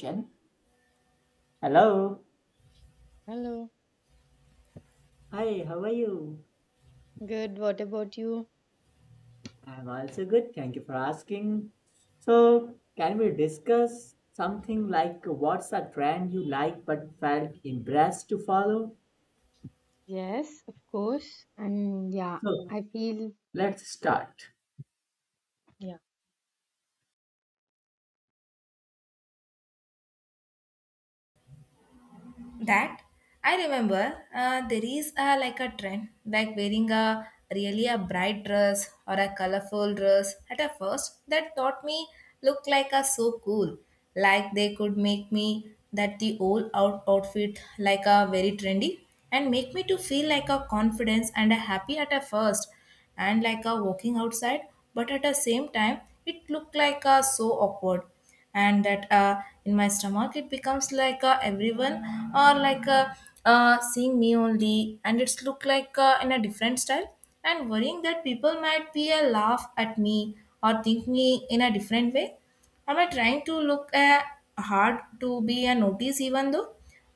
Jen? Hello. Hello. Hi, how are you? Good. What about you? I'm also good. Thank you for asking. So, can we discuss something like what's a trend you like but felt impressed to follow? Yes, of course. And yeah, So, I feel, let's start. Yeah. That I remember, there is a, like a trend like wearing a really a bright dress or a colorful dress at a first that taught me look like a so cool, like they could make me that the old out outfit like a very trendy and make me to feel like a confidence and a happy at a first and like a walking outside, but at the same time it looked like a so awkward. And that in my stomach it becomes like everyone or like seeing me only and it's look like in a different style and worrying that people might be a laugh at me or think me in a different way. Am I trying to look hard to be a notice, even though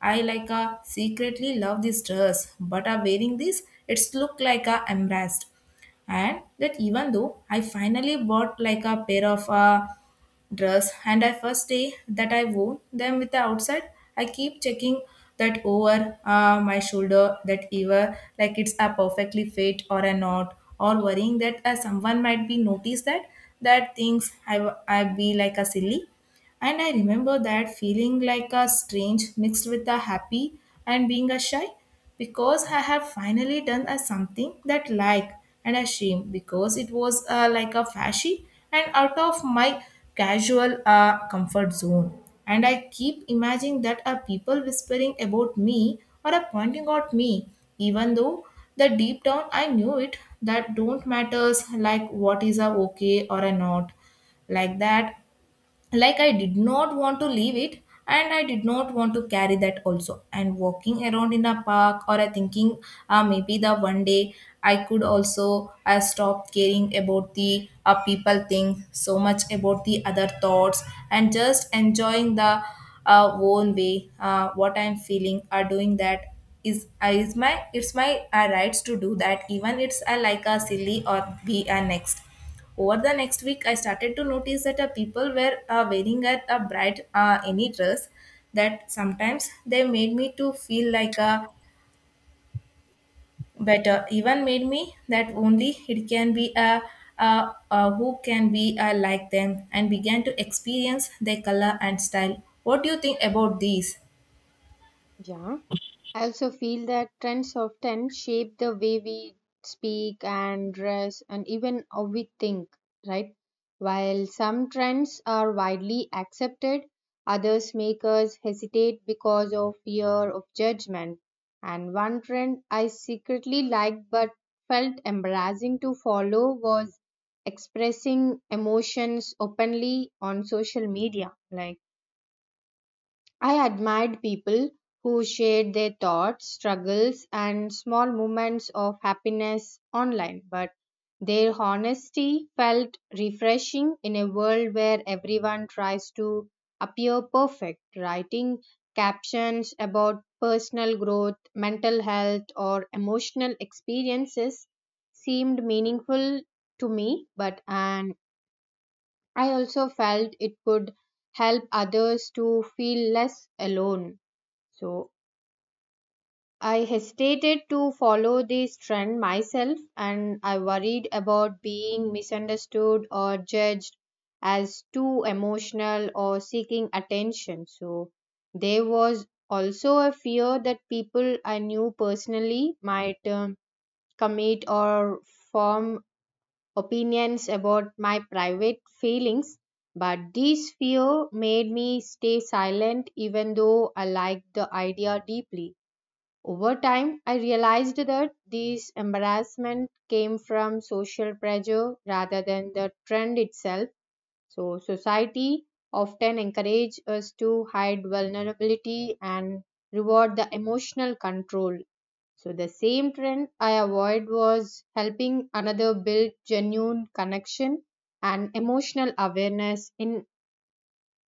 I like a secretly love this dress but are wearing this it's look like a embarrassed. And that even though I finally bought like a pair of dress, and I first day that I wore them with the outside, I keep checking that over my shoulder that ever like it's a perfectly fit or a not, or worrying that someone might be notice that I be like a silly. And I remember that feeling like a strange mixed with a happy and being a shy, because I have finally done a something that like, and a shame because it was like a flashy and out of my casual comfort zone. And I keep imagining that are people whispering about me or are pointing out me, even though the deep down I knew it that don't matters like what is a okay or a not, like that, like I did not want to leave it, and I did not want to carry that also, and walking around in a park or I thinking, maybe the one day I could also I stop caring about the people think so much about the other thoughts, and just enjoying the own way what I'm feeling are doing that is my it's my rights to do that, even it's like a silly or be a next. Over the next week, I started to notice that people were wearing a bright any dress that sometimes they made me to feel like a better, even made me that only it can be a who can be like them, and began to experience their color and style. What do you think about these? Yeah, I also feel that trends often shape the way we speak and dress and even how we think, right? While some trends are widely accepted, others make us hesitate because of fear of judgment. And one trend I secretly liked but felt embarrassing to follow was expressing emotions openly on social media, like I admired people who shared their thoughts, struggles, and small moments of happiness online, but their honesty felt refreshing in a world where everyone tries to appear perfect. Writing captions about personal growth, mental health, or emotional experiences seemed meaningful to me, but and I also felt it could help others to feel less alone, so I hesitated to follow this trend myself and I worried about being misunderstood or judged as too emotional or seeking attention. So there was also a fear that people I knew personally might commit or form opinions about my private feelings. But this fear made me stay silent even though I liked the idea deeply. Over time, I realized that this embarrassment came from social pressure rather than the trend itself. So, society often encourage us to hide vulnerability and reward the emotional control. So, the same trend I avoid was helping another build genuine connection and emotional awareness in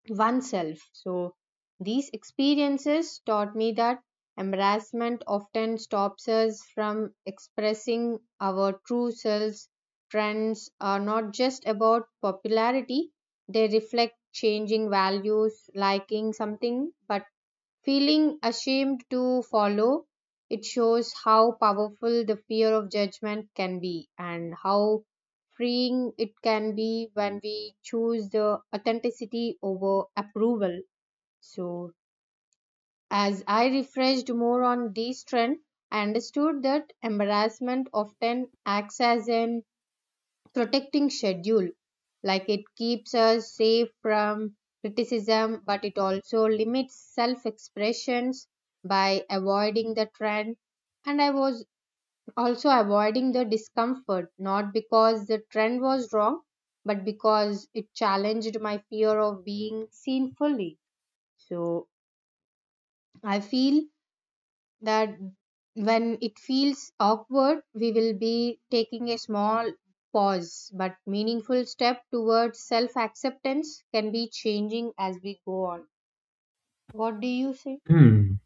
oneself. So, these experiences taught me that embarrassment often stops us from expressing our true selves. Trends are not just about popularity, they reflect changing values, liking something, but feeling ashamed to follow, it shows how powerful the fear of judgment can be and how freeing it can be when we choose the authenticity over approval. So, as I refreshed more on this trend, I understood that embarrassment often acts as an protecting schedule, like it keeps us safe from criticism but it also limits self expressions by avoiding the trend, and I was also avoiding the discomfort not because the trend was wrong but because it challenged my fear of being seen fully. So I feel that when it feels awkward, we will be taking a small pause, but meaningful step towards self acceptance can be changing as we go on. What do you say? Hmm.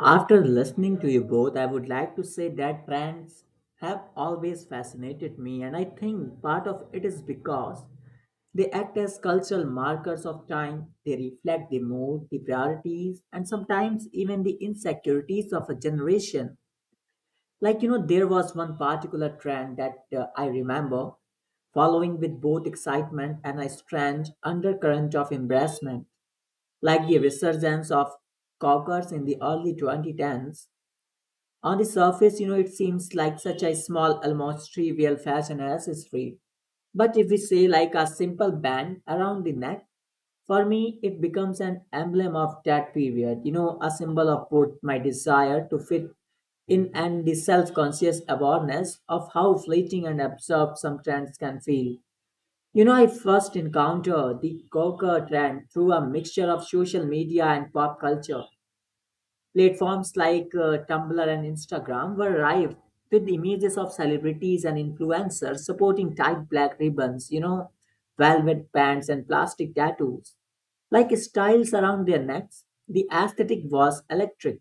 After listening to you both, I would like to say that brands have always fascinated me, and I think part of it is because they act as cultural markers of time. They reflect the mood, the priorities, and sometimes even the insecurities of a generation. Like, you know, there was one particular trend that I remember following with both excitement and a strange undercurrent of embarrassment, like the resurgence of cockers in the early 2010s. On the surface, you know, it seems like such a small, almost trivial fashion accessory. But if we say like a simple band around the neck, for me, it becomes an emblem of that period, you know, a symbol of both my desire to fit in and the self conscious awareness of how fleeting and absurd some trends can feel. You know, I first encountered the Gawker trend through a mixture of social media and pop culture. Platforms like Tumblr and Instagram were rife with images of celebrities and influencers supporting tight black ribbons, you know, velvet pants, and plastic tattoos. Like styles around their necks, the aesthetic was electric.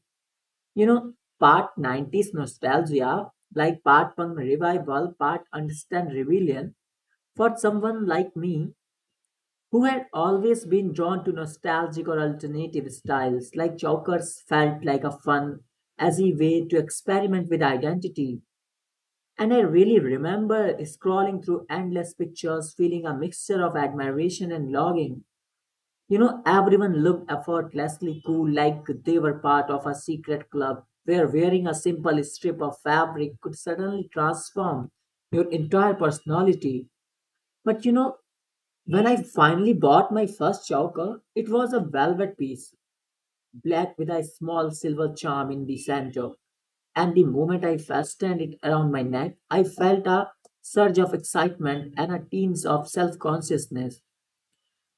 You know, part 90s nostalgia, like part punk revival, part understand rebellion. For someone like me, who had always been drawn to nostalgic or alternative styles, like Chowker's felt like a fun, easy way to experiment with identity. And I really remember scrolling through endless pictures, feeling a mixture of admiration and longing. You know, everyone looked effortlessly cool, like they were part of a secret club where wearing a simple strip of fabric could suddenly transform your entire personality. But you know, when I finally bought my first choker, it was a velvet piece, black with a small silver charm in the center. And the moment I fastened it around my neck, I felt a surge of excitement and a tinge of self consciousness.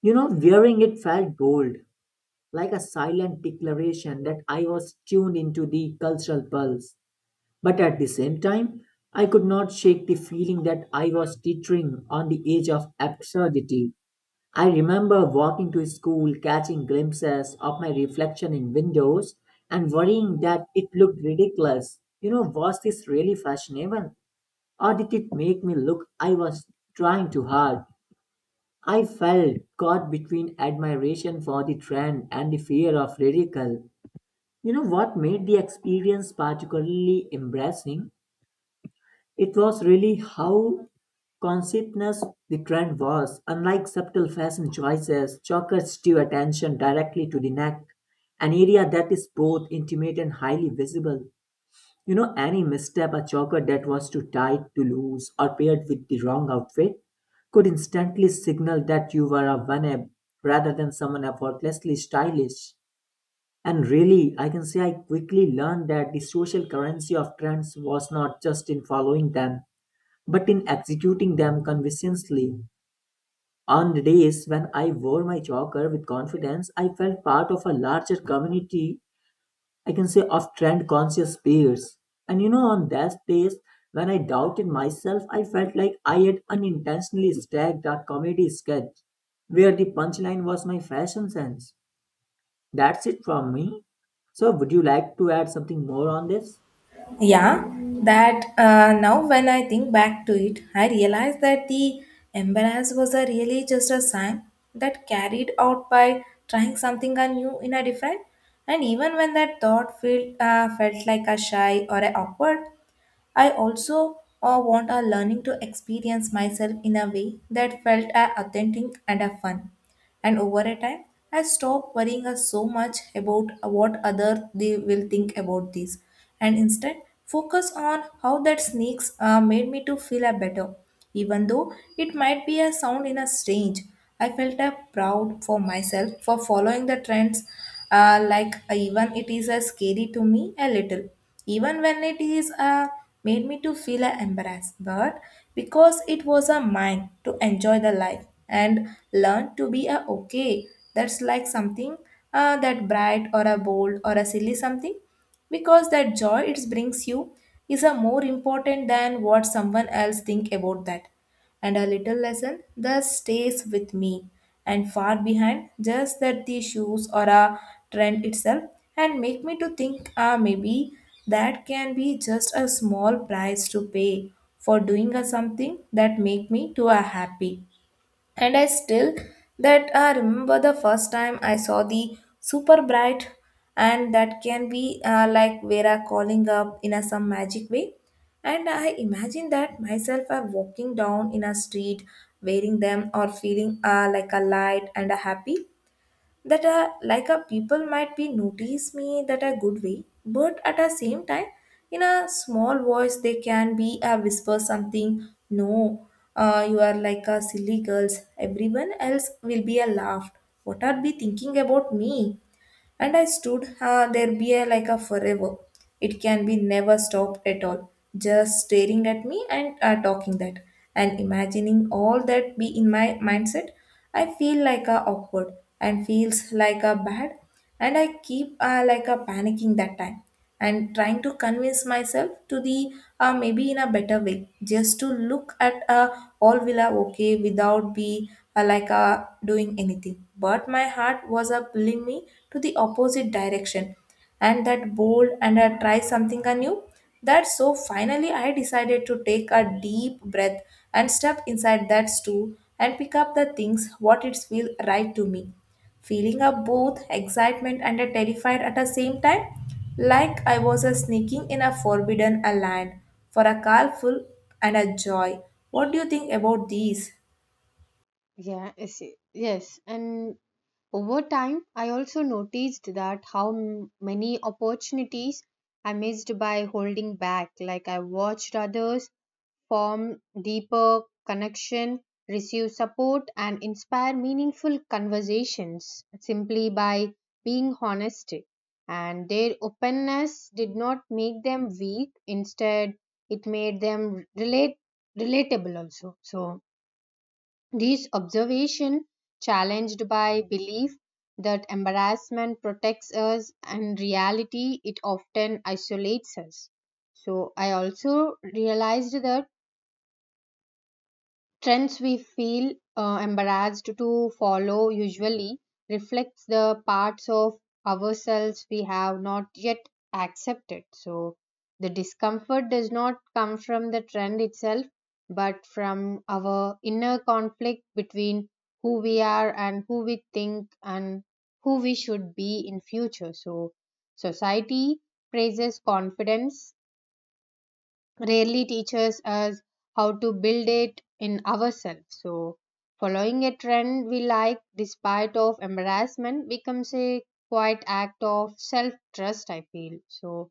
You know, wearing it felt bold, like a silent declaration that I was tuned into the cultural pulse. But at the same time, I could not shake the feeling that I was teetering on the edge of absurdity. I remember walking to school, catching glimpses of my reflection in windows, and worrying that it looked ridiculous. You know, was this really fashionable? Or did it make me look I was trying too hard? I felt caught between admiration for the trend and the fear of ridicule. You know what made the experience particularly embarrassing? It was really how conscientious the trend was. Unlike subtle fashion choices, chokers drew attention directly to the neck, an area that is both intimate and highly visible. You know, any misstep a choker that was too tight, too loose, or paired with the wrong outfit could instantly signal that you were a one rather than someone effortlessly stylish. And really, I can say I quickly learned that the social currency of trends was not just in following them, but in executing them convincingly. On the days when I wore my choker with confidence, I felt part of a larger community, I can say, of trend conscious peers. And you know, on those days when I doubted myself, I felt like I had unintentionally stacked a comedy sketch where the punchline was my fashion sense. That's it from me. So, would you like to add something more on this? Yeah, that now when I think back to it, I realize that the embarrass was a really just a sign that carried out by trying something new in a different. And even when that thought felt like a shy or a awkward, I also want our learning to experience myself in a way that felt authentic and fun. And over a time, I stopped worrying so much about what other they will think about this, and instead focus on how that sneaks made me to feel a better. Even though it might be a sound in a strange, I felt a proud for myself for following the trends. Like even it is a scary to me a little, even when it is made me to feel embarrassed, but because it was a mind to enjoy the life and learn to be a okay. That's like something that bright or a bold or a silly something, because that joy it brings you is a more important than what someone else think about that, and a little lesson that stays with me and far behind just that the shoes or a trend itself, and make me to think ah maybe that can be just a small price to pay for doing a something that make me to a happy. And I still that I remember the first time I saw the super bright, and that can be like Vera calling up in a some magic way. And I imagine that myself are walking down in a street wearing them or feeling like a light and a happy, that like a people might be notice me that a good way, but at the same time in a small voice they can be whisper something no, you are like a silly girls, everyone else will be a laughed, what are be thinking about me. And I stood there be a, like a forever. It can be never stopped at all. Just staring at me and talking that. And imagining all that be in my mindset, I feel like a awkward and feels like a bad. And I keep like a panicking that time, and trying to convince myself to the maybe in a better way just to look at all villa okay without be doing anything, but my heart was pulling me to the opposite direction and that bold and try something anew. That so finally I decided to take a deep breath and step inside that stool and pick up the things what it feel right to me, feeling up both excitement and a terrified at the same time, like I was a sneaking in a forbidden a land for a carful and a joy. What do you think about these? Yeah, I see. Yes. And over time, I also noticed that how many opportunities I missed by holding back. Like I watched others form deeper connection, receive support, and inspire meaningful conversations simply by being honest. And their openness did not make them weak, instead, it made them relatable also. So, these observation challenged by belief that embarrassment protects us and reality it often isolates us. So I also realized that trends we feel embarrassed to follow usually reflects the parts of ourselves we have not yet accepted, so the discomfort does not come from the trend itself but from our inner conflict between who we are and who we think and who we should be in future. So society praises confidence, rarely teaches us how to build it in ourselves, so following a trend we like despite of embarrassment becomes a quite act of self trust I feel. So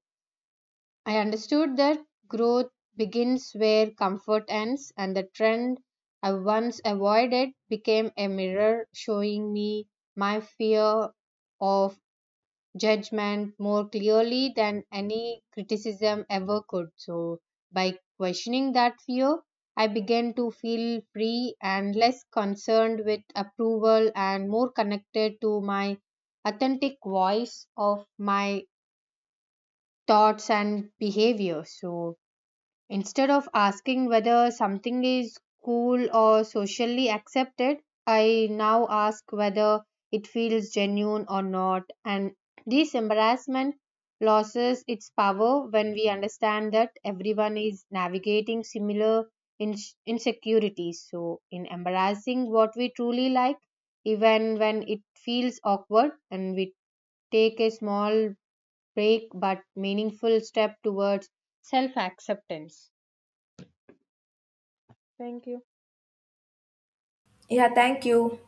I understood that growth begins where comfort ends and the trend I once avoided became a mirror showing me my fear of judgment more clearly than any criticism ever could. So, by questioning that fear, I began to feel free and less concerned with approval and more connected to my authentic voice of my thoughts and behavior. So, instead of asking whether something is cool or socially accepted, I now ask whether it feels genuine or not. And this embarrassment loses its power when we understand that everyone is navigating similar insecurities. So, in embarrassing what we truly like, even when it feels awkward, and we take a small break but meaningful step towards self acceptance. Thank you. Yeah, thank you.